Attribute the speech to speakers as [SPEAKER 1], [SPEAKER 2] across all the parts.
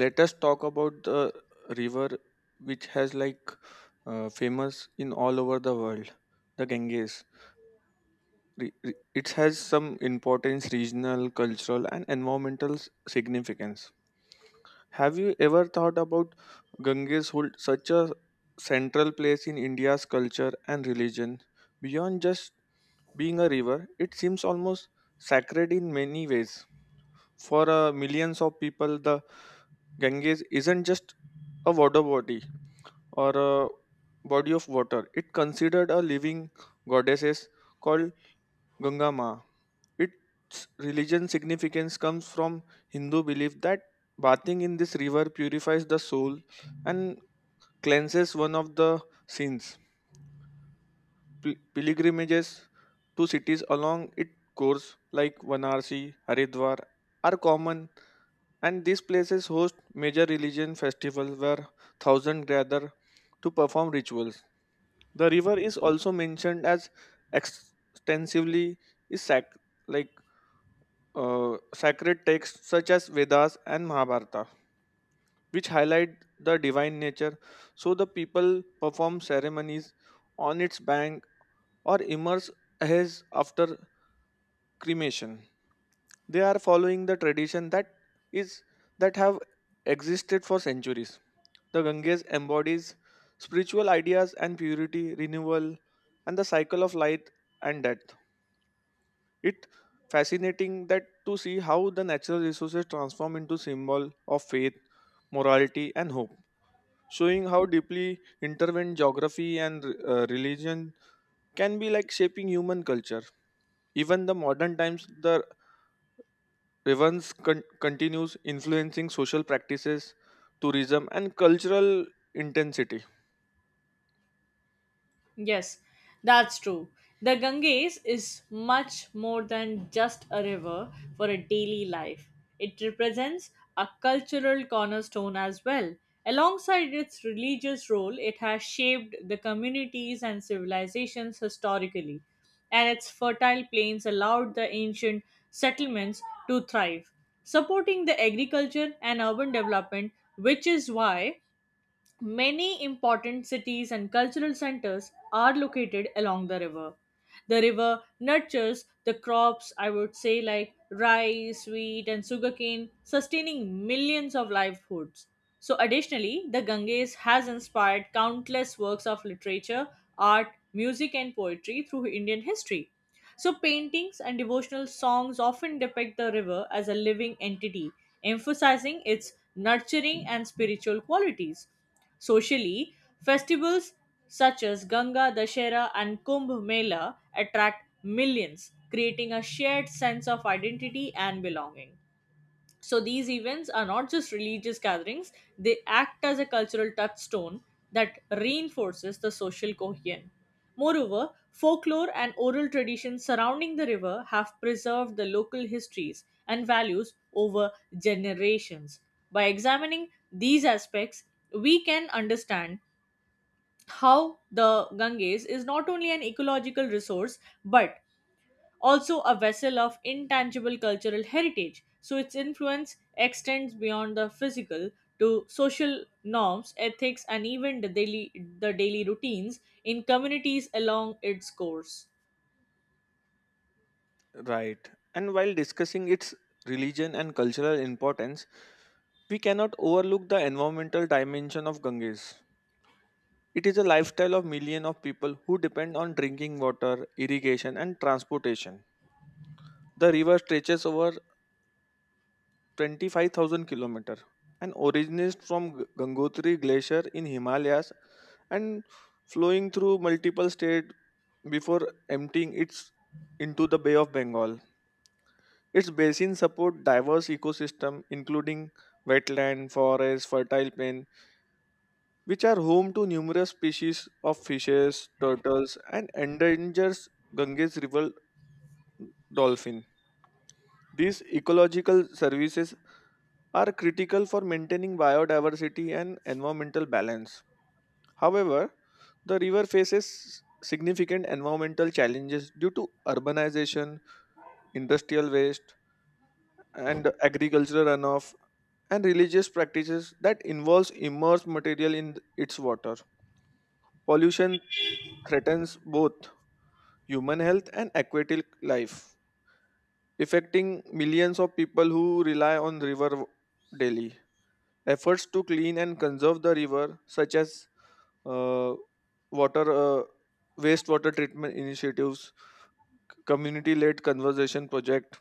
[SPEAKER 1] Let us talk about the river which has famous in all over the world, the Ganges. It has some importance regional cultural and environmental significance. Have you ever thought about Ganges hold such a central place in India's culture and religion? Beyond just being a river, it seems almost sacred in many ways. For millions of people, the Ganges isn't just a water body or a body of water. It considered a living goddesses called Ganga Ma. Its religion significance comes from Hindu belief that bathing in this river purifies the soul and cleanses one of the sins. Pilgrimages to cities along its course, like Varanasi, Haridwar, are common, and these places host major religion festivals where thousands gather to perform rituals. The river is also mentioned as extensively is sac- like sacred texts such as Vedas and Mahabharata, which highlight the divine nature. So the people perform ceremonies on its bank or immerse ashes after cremation. They are following the tradition that is that have existed for centuries. The Ganges embodies spiritual ideas and purity, renewal, and the cycle of life and death. It fascinating that to see how the natural resources transform into symbol of faith, morality, and hope, showing how deeply intertwined geography and religion can be like shaping human culture. Even the modern times, the Evans continues influencing social practices, tourism, and cultural intensity.
[SPEAKER 2] Yes, that's true. The Ganges is much more than just a river for a daily life. It represents a cultural cornerstone as well. Alongside its religious role, it has shaped the communities and civilizations historically, and its fertile plains allowed the ancient settlements to thrive, supporting the agriculture and urban development, which is why many important cities and cultural centers are located along the river. The river nurtures the crops, I would say, like rice, wheat, and sugarcane, sustaining millions of livelihoods. So, additionally, the Ganges has inspired countless works of literature, art, music, and poetry through Indian history. So, paintings and devotional songs often depict the river as a living entity, emphasizing its nurturing and spiritual qualities. Socially, festivals such as Ganga Dashera and Kumbh Mela attract millions, creating a shared sense of identity and belonging. So these events are not just religious gatherings, they act as a cultural touchstone that reinforces the social cohesion. Moreover, folklore and oral traditions surrounding the river have preserved the local histories and values over generations. By examining these aspects, we can understand how the Ganges is not only an ecological resource but also a vessel of intangible cultural heritage. So its influence extends beyond the physical to social norms, ethics, and even the daily routines in communities along its course.
[SPEAKER 1] Right. And while discussing its religion and cultural importance, we cannot overlook the environmental dimension of Ganges. It is a lifestyle of millions of people who depend on drinking water, irrigation, and transportation. The river stretches over 25,000 kilometer and originates from Gangotri Glacier in Himalayas and flowing through multiple states before emptying its into the Bay of Bengal. Its basin support diverse ecosystem including wetland, forest, fertile plain, which are home to numerous species of fishes, turtles, and endangers Ganges river dolphin. These ecological services are critical for maintaining biodiversity and environmental balance. However, the river faces significant environmental challenges due to urbanization, industrial waste, and agricultural runoff, and religious practices that involves immersed material in its water. Pollution threatens both human health and aquatic life, affecting millions of people who rely on river daily. Efforts to clean and conserve the river, such as uh, water wastewater treatment initiatives, community-led conservation project,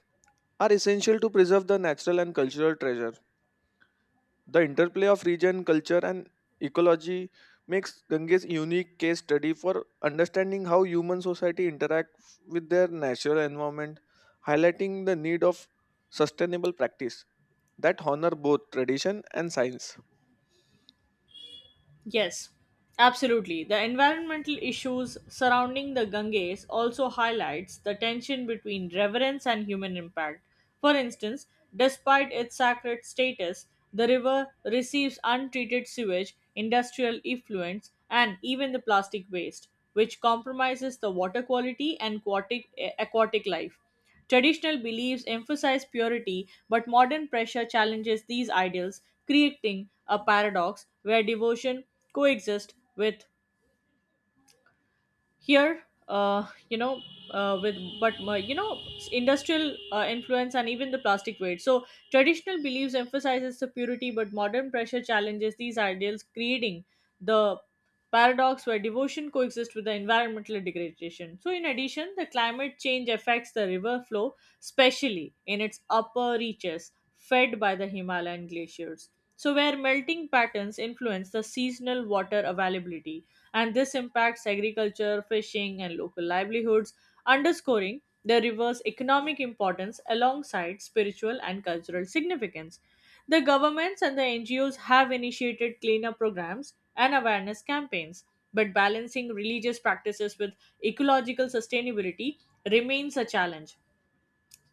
[SPEAKER 1] are essential to preserve the natural and cultural treasure. The interplay of region, culture, and ecology makes Ganges a unique case study for understanding how human society interact with their natural environment, highlighting the need of sustainable practice that honor both tradition and science.
[SPEAKER 2] Yes, absolutely. The environmental issues surrounding the Ganges also highlights the tension between reverence and human impact. For instance, despite its sacred status, the river receives untreated sewage, industrial effluents, and even the plastic waste, which compromises the water quality and aquatic life. Traditional beliefs emphasize purity, but modern pressure challenges these ideals, creating a paradox where devotion coexists with here uh, you know with but industrial influence and even the plastic weight, so traditional beliefs emphasizes the purity, but modern pressure challenges these ideals, creating the paradox where devotion coexists with the environmental degradation. So in addition, the climate change affects the river flow, especially in its upper reaches fed by the Himalayan glaciers, so where melting patterns influence the seasonal water availability, and this impacts agriculture, fishing, and local livelihoods, underscoring the river's economic importance alongside spiritual and cultural significance. The governments and the NGOs have initiated cleanup programs and awareness campaigns, but balancing religious practices with ecological sustainability remains a challenge.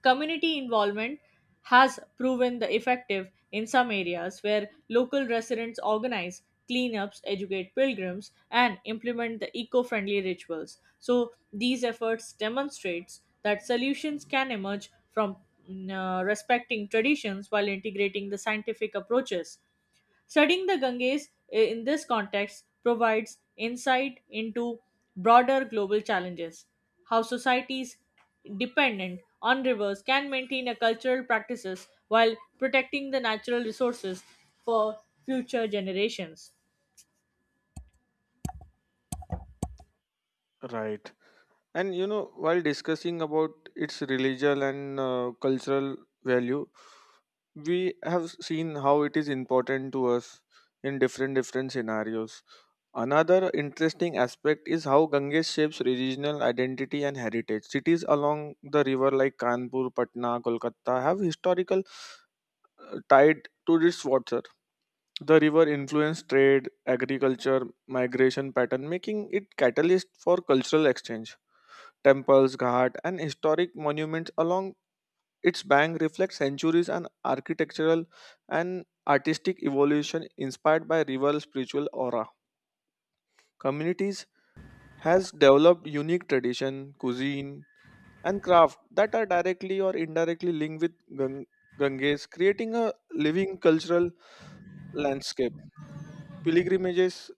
[SPEAKER 2] Community involvement has proven the effective in some areas where local residents organize cleanups, educate pilgrims, and implement the eco-friendly rituals. So these efforts demonstrates that solutions can emerge from respecting traditions while integrating the scientific approaches. Studying the Ganges in this context provides insight into broader global challenges, how societies dependent on rivers can maintain a cultural practices while protecting the natural resources for future generations.
[SPEAKER 1] Right. And you know, while discussing about its religious and cultural value, we have seen how it is important to us in different different scenarios. Another interesting aspect is how Ganges shapes regional identity and heritage. Cities along the river like Kanpur, Patna, Kolkata have historical tied to its water. The river influenced trade, agriculture, migration pattern, making it catalyst for cultural exchange. Temples, ghats, and historic monuments along its bank reflect centuries and architectural and artistic evolution inspired by river spiritual aura. Communities has developed unique tradition, cuisine, and craft that are directly or indirectly linked with Ganges, creating a living cultural landscape. Pilgrimages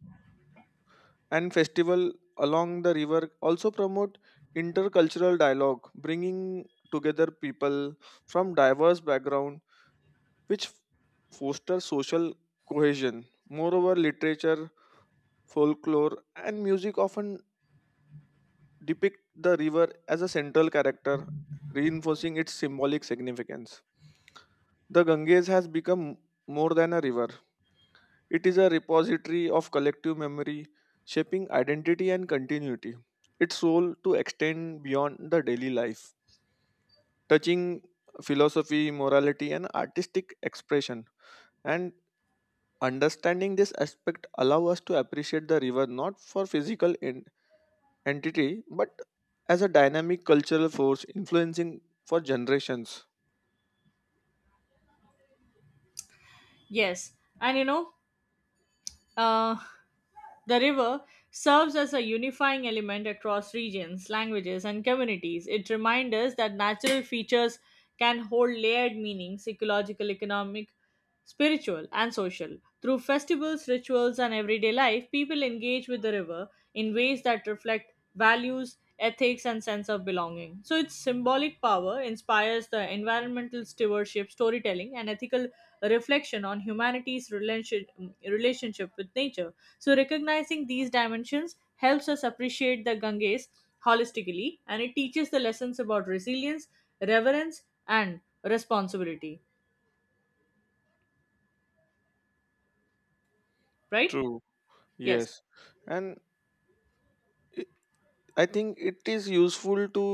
[SPEAKER 1] and festival along the river also promote intercultural dialogue, bringing together people from diverse background, which foster social cohesion. Moreover, literature, folklore, and music often depict the river as a central character, reinforcing its symbolic significance. The Ganges has become more than a river. It is a repository of collective memory, shaping identity and continuity. Its role to extend beyond the daily life, touching philosophy, morality, and artistic expression. And understanding this aspect allow us to appreciate the river not for physical entity but as a dynamic cultural force influencing for generations.
[SPEAKER 2] Yes, and you know, uh, the river serves as a unifying element across regions, languages, and communities. It reminds us that natural features can hold layered meanings ecological, economic, spiritual, and social. Through festivals, rituals, and everyday life, people engage with the river in ways that reflect values, ethics, and sense of belonging. So, its symbolic power inspires the environmental stewardship, storytelling, and ethical reflection on humanity's relationship with nature. So, recognizing these dimensions helps us appreciate the Ganges holistically, and it teaches the lessons about resilience, reverence, and responsibility. Right?
[SPEAKER 1] True.
[SPEAKER 2] Yes.
[SPEAKER 1] Yes. And it- I think it is useful to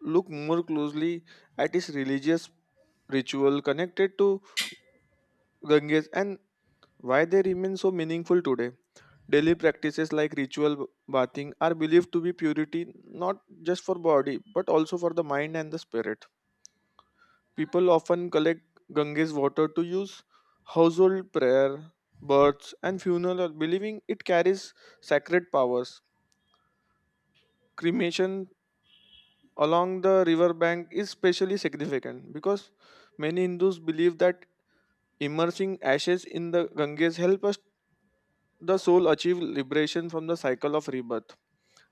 [SPEAKER 1] look more closely at its religious ritual connected to Ganges and why they remain so meaningful today. Daily practices like ritual bathing are believed to be purity not just for body but also for the mind and the spirit. People often collect Ganges water to use household prayer, births, and funeral, believing it carries sacred powers. Cremation along the riverbank is especially significant because many Hindus believe that immersing ashes in the Ganges help us the soul achieve liberation from the cycle of rebirth.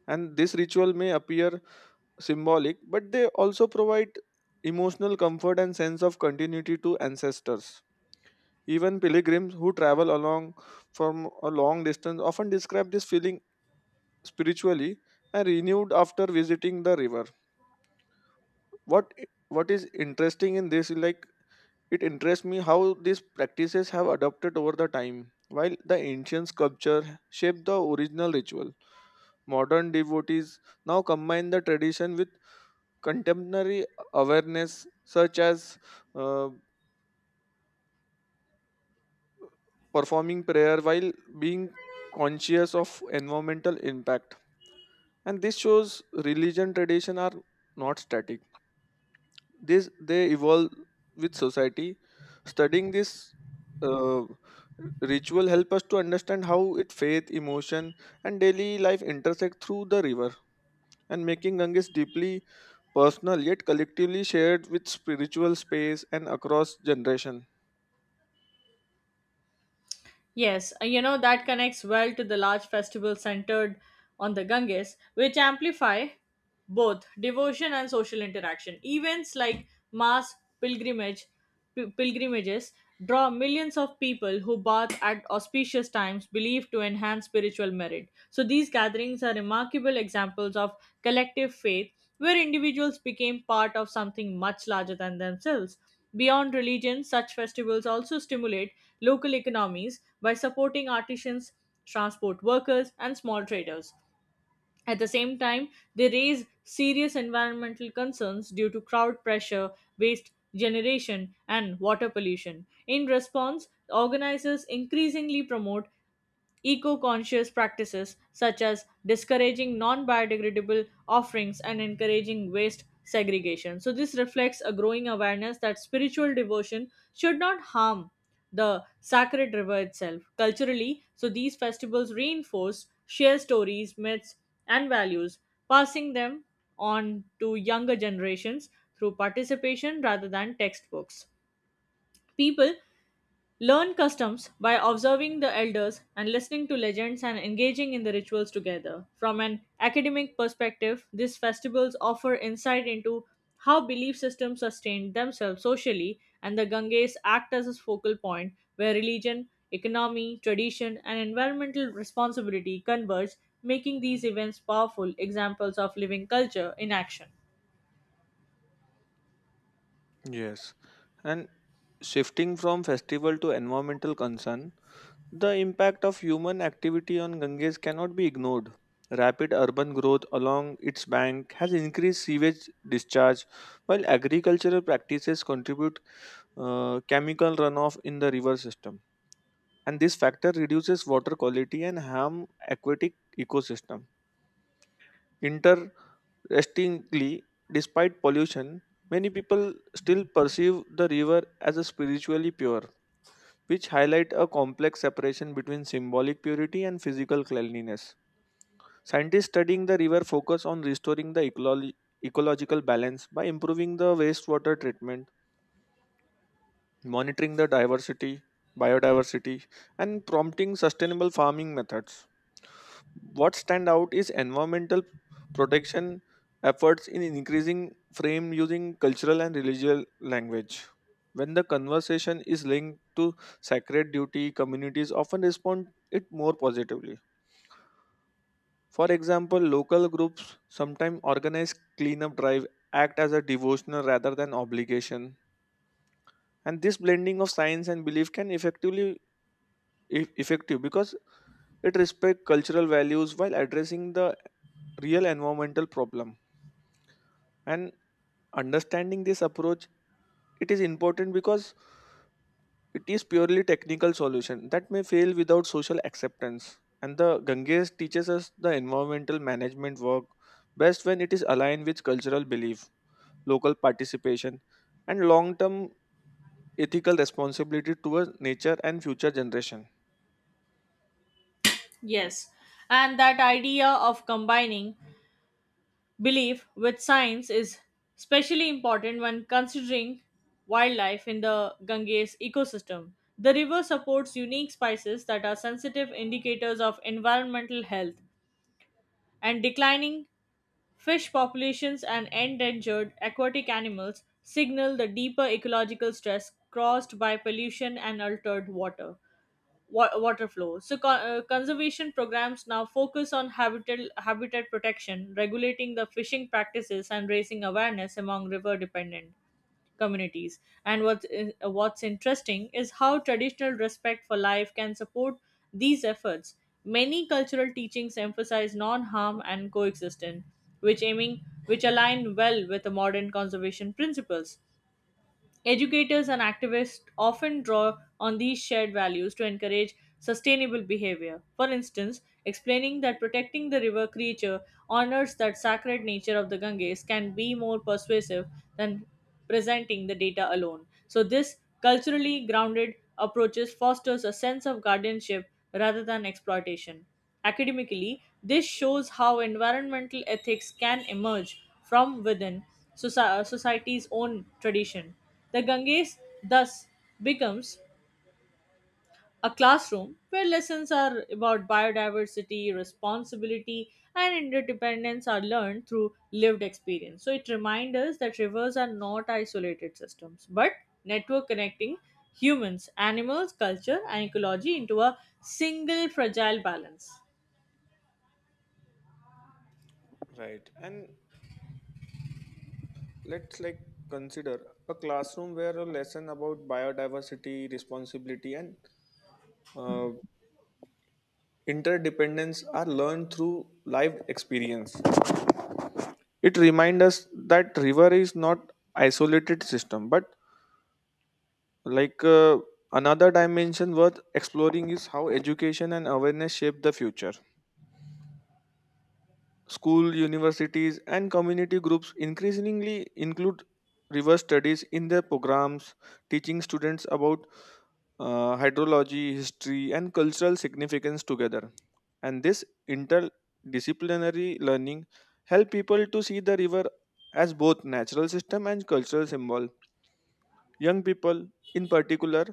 [SPEAKER 1] And this ritual may appear symbolic, but they also provide emotional comfort and sense of continuity to ancestors. Even pilgrims who travel along from a long distance often describe this feeling spiritually and renewed after visiting the river. What what is interesting in this is like it interests me how these practices have adapted over the time. While the ancient sculpture shaped the original ritual, modern devotees now combine the tradition with contemporary awareness, such as uh, performing prayer while being conscious of environmental impact. And this shows religion tradition are not static. This They evolve with society. Studying this uh, ritual help us to understand how it faith, emotion, and daily life intersect through the river, and making Ganges deeply personal yet collectively shared with spiritual space and across generation.
[SPEAKER 2] Yes. You know, that connects well to the large festival centered on the Ganges, which amplify both devotion and social interaction. Events like mass pilgrimage, pilgrimages draw millions of people who bathe at auspicious times believed to enhance spiritual merit. So these gatherings are remarkable examples of collective faith where individuals became part of something much larger than themselves. Beyond religion, such festivals also stimulate local economies by supporting artisans, transport workers, and small traders. At the same time, they raise serious environmental concerns due to crowd pressure, waste generation, and water pollution. In response, organizers increasingly promote eco conscious practices such as discouraging non biodegradable offerings and encouraging waste segregation. So, this reflects a growing awareness that spiritual devotion should not harm the sacred river itself. Culturally, so these festivals reinforce shared stories, myths, and values, passing them on to younger generations through participation rather than textbooks. People learn customs by observing the elders and listening to legends and engaging in the rituals together. From an academic perspective, these festivals offer insight into how belief systems sustain themselves socially, and the Ganges act as a focal point where religion, economy, tradition, and environmental responsibility converge, making these events powerful examples of living culture in action.
[SPEAKER 1] Yes. And shifting from festival to environmental concern, the impact of human activity on Ganges cannot be ignored. Rapid urban growth along its bank has increased sewage discharge, while agricultural practices contribute chemical runoff in the river system. And this factor reduces water quality and harm aquatic ecosystem. Restingly, despite pollution, many people still perceive the river as a spiritually pure, which highlight a complex separation between symbolic purity and physical cleanliness. Scientists studying the river focus on restoring the ecological balance by improving the wastewater treatment, monitoring the diversity, biodiversity, and prompting sustainable farming methods. What stand out is environmental protection efforts in increasing frame using cultural and religious language. When the conversation is linked to sacred duty, communities often respond it more positively. For example, local groups sometimes organize cleanup drive act as a devotional rather than obligation. And this blending of science and belief can effectively effective because it respects cultural values while addressing the real environmental problem, and understanding this approach, it is important because it is purely technical solution that may fail without social acceptance. And the Ganges teaches us the environmental management work best when it is aligned with cultural belief, local participation, and long term ethical responsibility towards nature and future generation.
[SPEAKER 2] Yes, and that idea of combining belief with science is especially important when considering wildlife in the Ganges ecosystem. The river supports unique species that are sensitive indicators of environmental health, and declining fish populations and endangered aquatic animals signal the deeper ecological stress caused by pollution and altered water flow. So, conservation programs now focus on habitat protection, regulating the fishing practices, and raising awareness among river dependent communities. And what's interesting is how traditional respect for life can support these efforts. Many cultural teachings emphasize non harm and coexistence, which align well with the modern conservation principles. Educators and activists often draw on these shared values to encourage sustainable behavior. For instance, explaining that protecting the river creature honors that sacred nature of the Ganges can be more persuasive than presenting the data alone. So this culturally grounded approaches fosters a sense of guardianship rather than exploitation. Academically, this shows how environmental ethics can emerge from within society's own tradition. The Ganges thus becomes a classroom where lessons are about biodiversity, responsibility, and interdependence are learned through lived experience. So it reminds us that rivers are not isolated systems, but network connecting humans, animals, culture, and ecology into a single fragile balance.
[SPEAKER 1] Right. And let's like consider a classroom where a lesson about biodiversity, responsibility, and uh, interdependence are learned through life experience. It reminds us that river is not isolated system, but like uh, another dimension worth exploring is how education and awareness shape the future. School, universities, and community groups increasingly include river studies in their programs, teaching students about hydrology, history, and cultural significance together. And this interdisciplinary learning help people to see the river as both natural system and cultural symbol. Young people, in particular,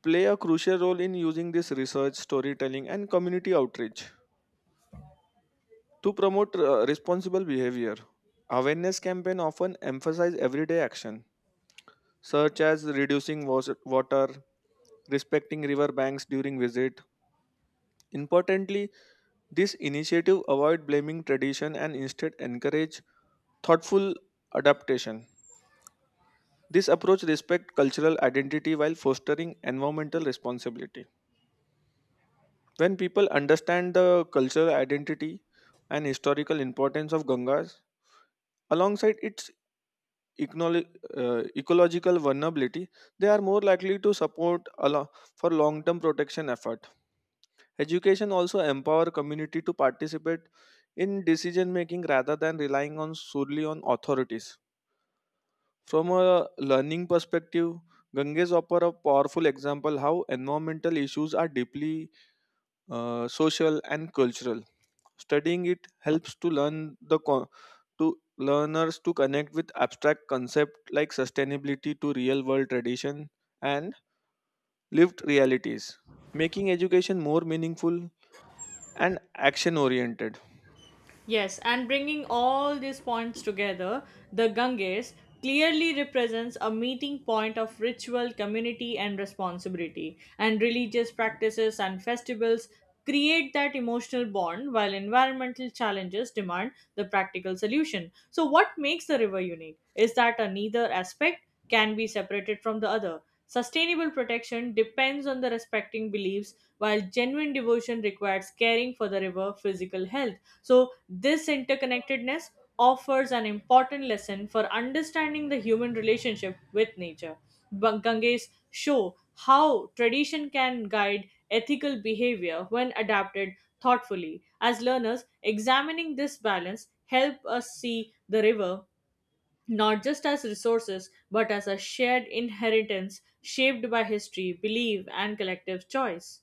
[SPEAKER 1] play a crucial role in using this research, storytelling, and community outreach. To promote responsible behavior, awareness campaign often emphasize everyday action such as reducing water, respecting river banks during visit. Importantly, this initiative avoid blaming tradition and instead encourage thoughtful adaptation. This approach respect cultural identity while fostering environmental responsibility. When people understand the cultural identity and historical importance of Gangas alongside its econo- ecological vulnerability, they are more likely to support for long-term protection effort. Education also empower community to participate in decision making rather than relying on solely on authorities. From a learning perspective, Ganges offer a powerful example how environmental issues are deeply social and cultural. Studying it helps to learn the co- to learners to connect with abstract concepts like sustainability to real world tradition and lived realities, making education more meaningful and action oriented.
[SPEAKER 2] Yes, and bringing all these points together, the Ganges clearly represents a meeting point of ritual, community, and responsibility. And religious practices and festivals create that emotional bond while environmental challenges demand the practical solution. So, what makes the river unique is that a neither aspect can be separated from the other. Sustainable protection depends on the respecting beliefs, while genuine devotion requires caring for the river physical health. So, this interconnectedness offers an important lesson for understanding the human relationship with nature. Ganges show how tradition can guide ethical behavior when adapted thoughtfully. As learners, examining this balance help us see the river not just as resources but as a shared inheritance shaped by history, belief, and collective choice.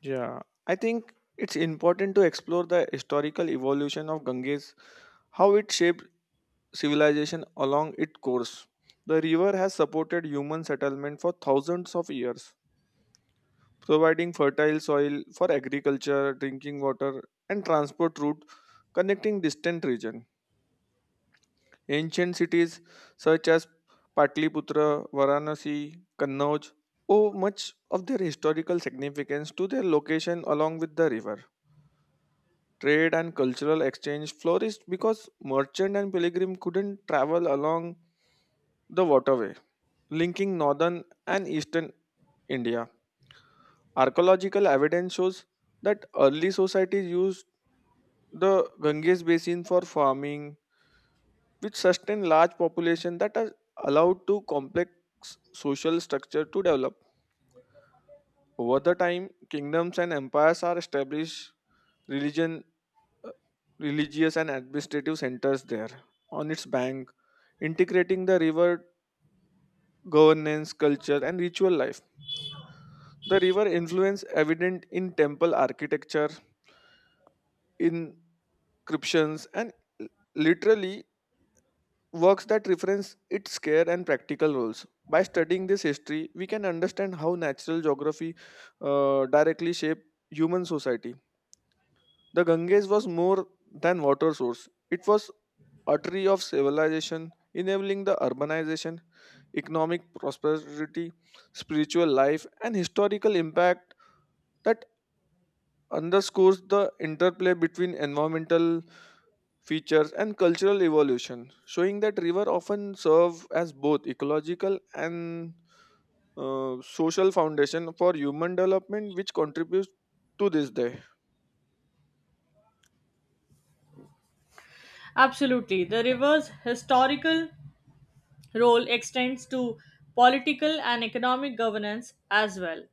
[SPEAKER 1] Yeah, I think it's important to explore the historical evolution of Ganges, how it shaped civilization along its course. The river has supported human settlement for thousands of years, providing fertile soil for agriculture, drinking water, and transport route connecting distant regions. Ancient cities such as Patliputra, Varanasi, Kannauj owe much of their historical significance to their location along with the river. Trade and cultural exchange flourished because merchant and pilgrim couldn't travel along the waterway, linking northern and eastern India. Archaeological evidence shows that early societies used the Ganges basin for farming, which sustain large population that are allowed to complex social structure to develop. Over the time, kingdoms and empires are established religion, uh, religious and administrative centers there on its bank, integrating the river governance, culture, and ritual life. The river influence evident in temple architecture, inscriptions, and literally works that reference its care and practical roles. By studying this history, we can understand how natural geography directly shaped human society. The Ganges was more than water source; it was artery of civilization, enabling the urbanization, economic prosperity, spiritual life, and historical impact that underscores the interplay between environmental features and cultural evolution, showing that river often serve as both ecological and social foundation for human development, which contributes to this day.
[SPEAKER 2] Absolutely. The river's historical role extends to political and economic governance as well.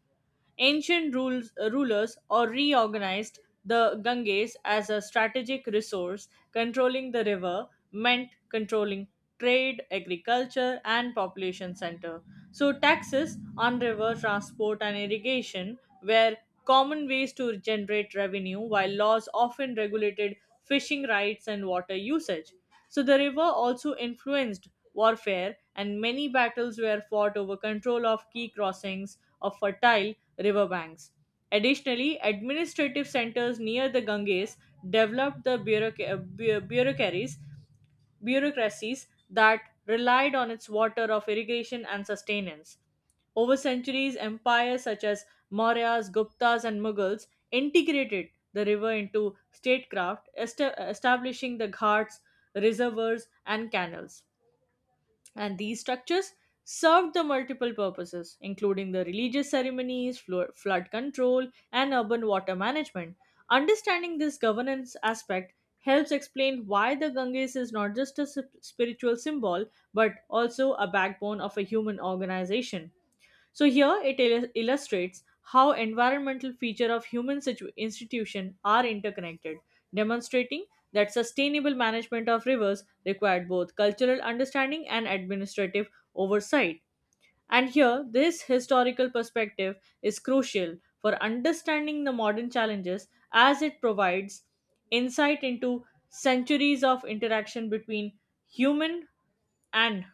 [SPEAKER 2] Rulers or reorganized the Ganges as a strategic resource. Controlling the river meant controlling trade, agriculture, and population center. So taxes on river transport and irrigation were common ways to generate revenue, while laws often regulated fishing rights and water usage. So the river also influenced warfare, and many battles were fought over control of key crossings of fertile riverbanks. Additionally, administrative centers near the Ganges developed the bureaucracies that relied on its water of irrigation and sustenance. Over centuries, empires such as Mauryas, Guptas, and Mughals integrated the river into statecraft, establishing the ghats, reservoirs, and canals. And these structures served the multiple purposes, including the religious ceremonies, flood control, and urban water management. Understanding this governance aspect helps explain why the Ganges is not just a spiritual symbol but also a backbone of a human organization. So here it illustrates how environmental feature of human institution are interconnected, demonstrating that sustainable management of rivers required both cultural understanding and administrative oversight. And here this historical perspective is crucial for understanding the modern challenges as it provides insight into centuries of interaction between human and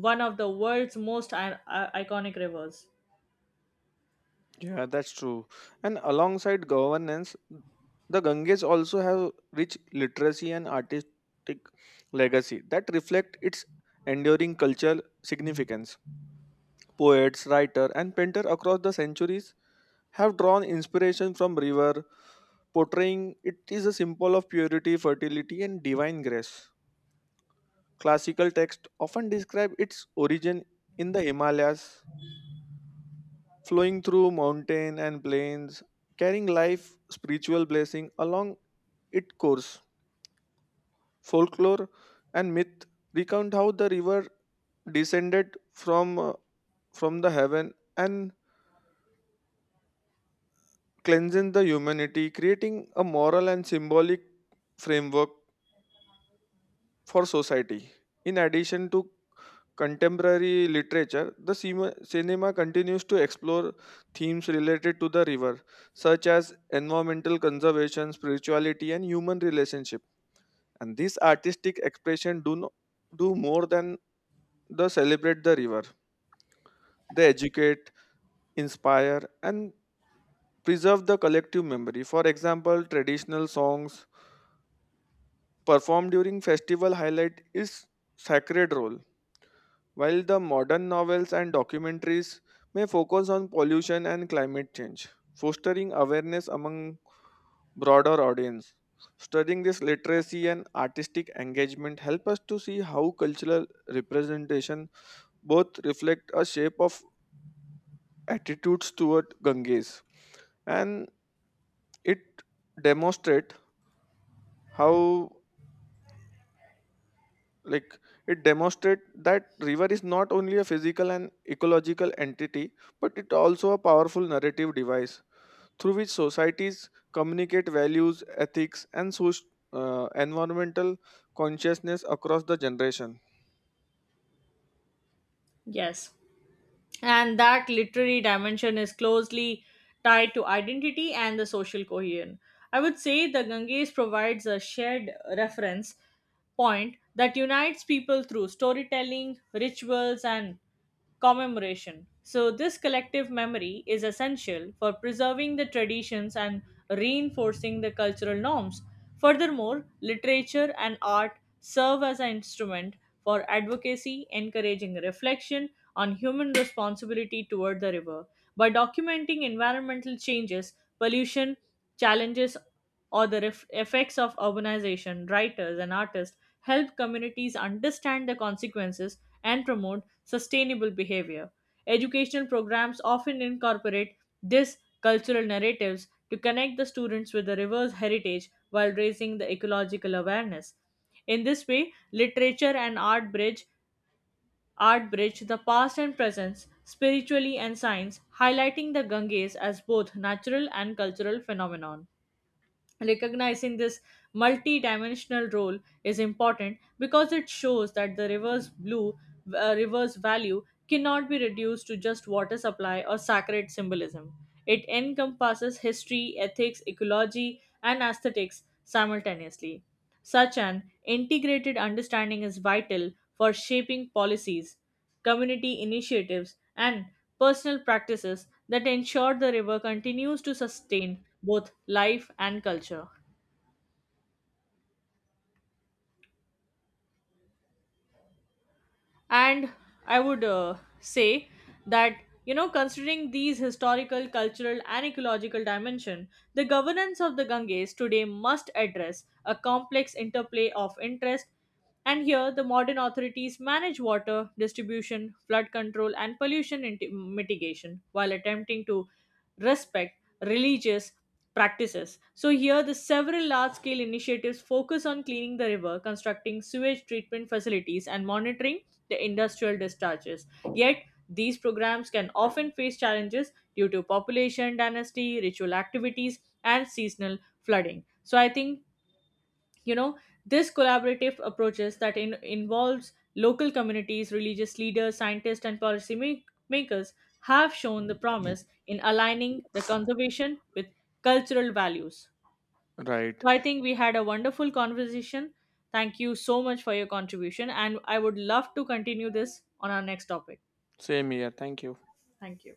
[SPEAKER 2] one of the world's most iconic rivers.
[SPEAKER 1] Yeah, that's true. And alongside governance, the Ganges also have rich literacy and artistic legacy that reflect its enduring cultural significance. Poets, writer, and painter across the centuries have drawn inspiration from river, portraying it is a symbol of purity, fertility, and divine grace. Classical texts often describe its origin in the Himalayas, flowing through mountain and plains, carrying life, spiritual blessing along its course. Folklore and myth recount how the river descended from from the heaven and cleansing the humanity, creating a moral and symbolic framework for society. In addition to contemporary literature, the cinema continues to explore themes related to the river, such as environmental conservation, spirituality, and human relationship. And these artistic expression do no, do more than the celebrate the river. They educate, inspire, and preserve the collective memory. For example, traditional songs performed during festival highlight its sacred role while the modern novels and documentaries may focus on pollution and climate change, fostering awareness among broader audience. Studying this literacy and artistic engagement help us to see how cultural representation both reflect a shape of attitudes toward Ganges, and it demonstrate how like it demonstrates that river is not only a physical and ecological entity but it also a powerful narrative device through which societies communicate values, ethics, and environmental consciousness across the generation.
[SPEAKER 2] Yes. And that literary dimension is closely tied to identity and the social cohesion. I would say the Ganges provides a shared reference point that unites people through storytelling, rituals, and commemoration. So, this collective memory is essential for preserving the traditions and reinforcing the cultural norms. Furthermore, literature and art serve as an instrument for advocacy, encouraging reflection on human responsibility toward the river. By documenting environmental changes, pollution, challenges, or the effects of urbanization, writers and artists help communities understand the consequences and promote sustainable behavior. Educational programs often incorporate these cultural narratives to connect the students with the river's heritage while raising the ecological awareness. In this way, literature and art bridge the past and present spiritually and science, highlighting the Ganges as both natural and cultural phenomenon. Recognizing this multi-dimensional role is important because it shows that the river's value cannot be reduced to just water supply or sacred symbolism. It encompasses history, ethics, ecology, and aesthetics simultaneously. Such an integrated understanding is vital for shaping policies, community initiatives, and personal practices that ensure the river continues to sustain both life and culture. And I would say that, you know, considering these historical cultural and ecological dimension, the governance of the Ganges today must address a complex interplay of interest. And here the modern authorities manage water distribution, flood control, and pollution mitigation while attempting to respect religious practices. So here the several large scale initiatives focus on cleaning the river, constructing sewage treatment facilities and monitoring the industrial discharges. Yet, these programs can often face challenges due to population dynasty, ritual activities, and seasonal flooding. So, I think, you know, this collaborative approaches that involves local communities, religious leaders, scientists, and policy makers have shown the promise in aligning the conservation with cultural values.
[SPEAKER 1] Right.
[SPEAKER 2] So I think we had a wonderful conversation. Thank you so much for your contribution, and I would love to continue this on our next topic.
[SPEAKER 1] Same here, thank you.
[SPEAKER 2] Thank you.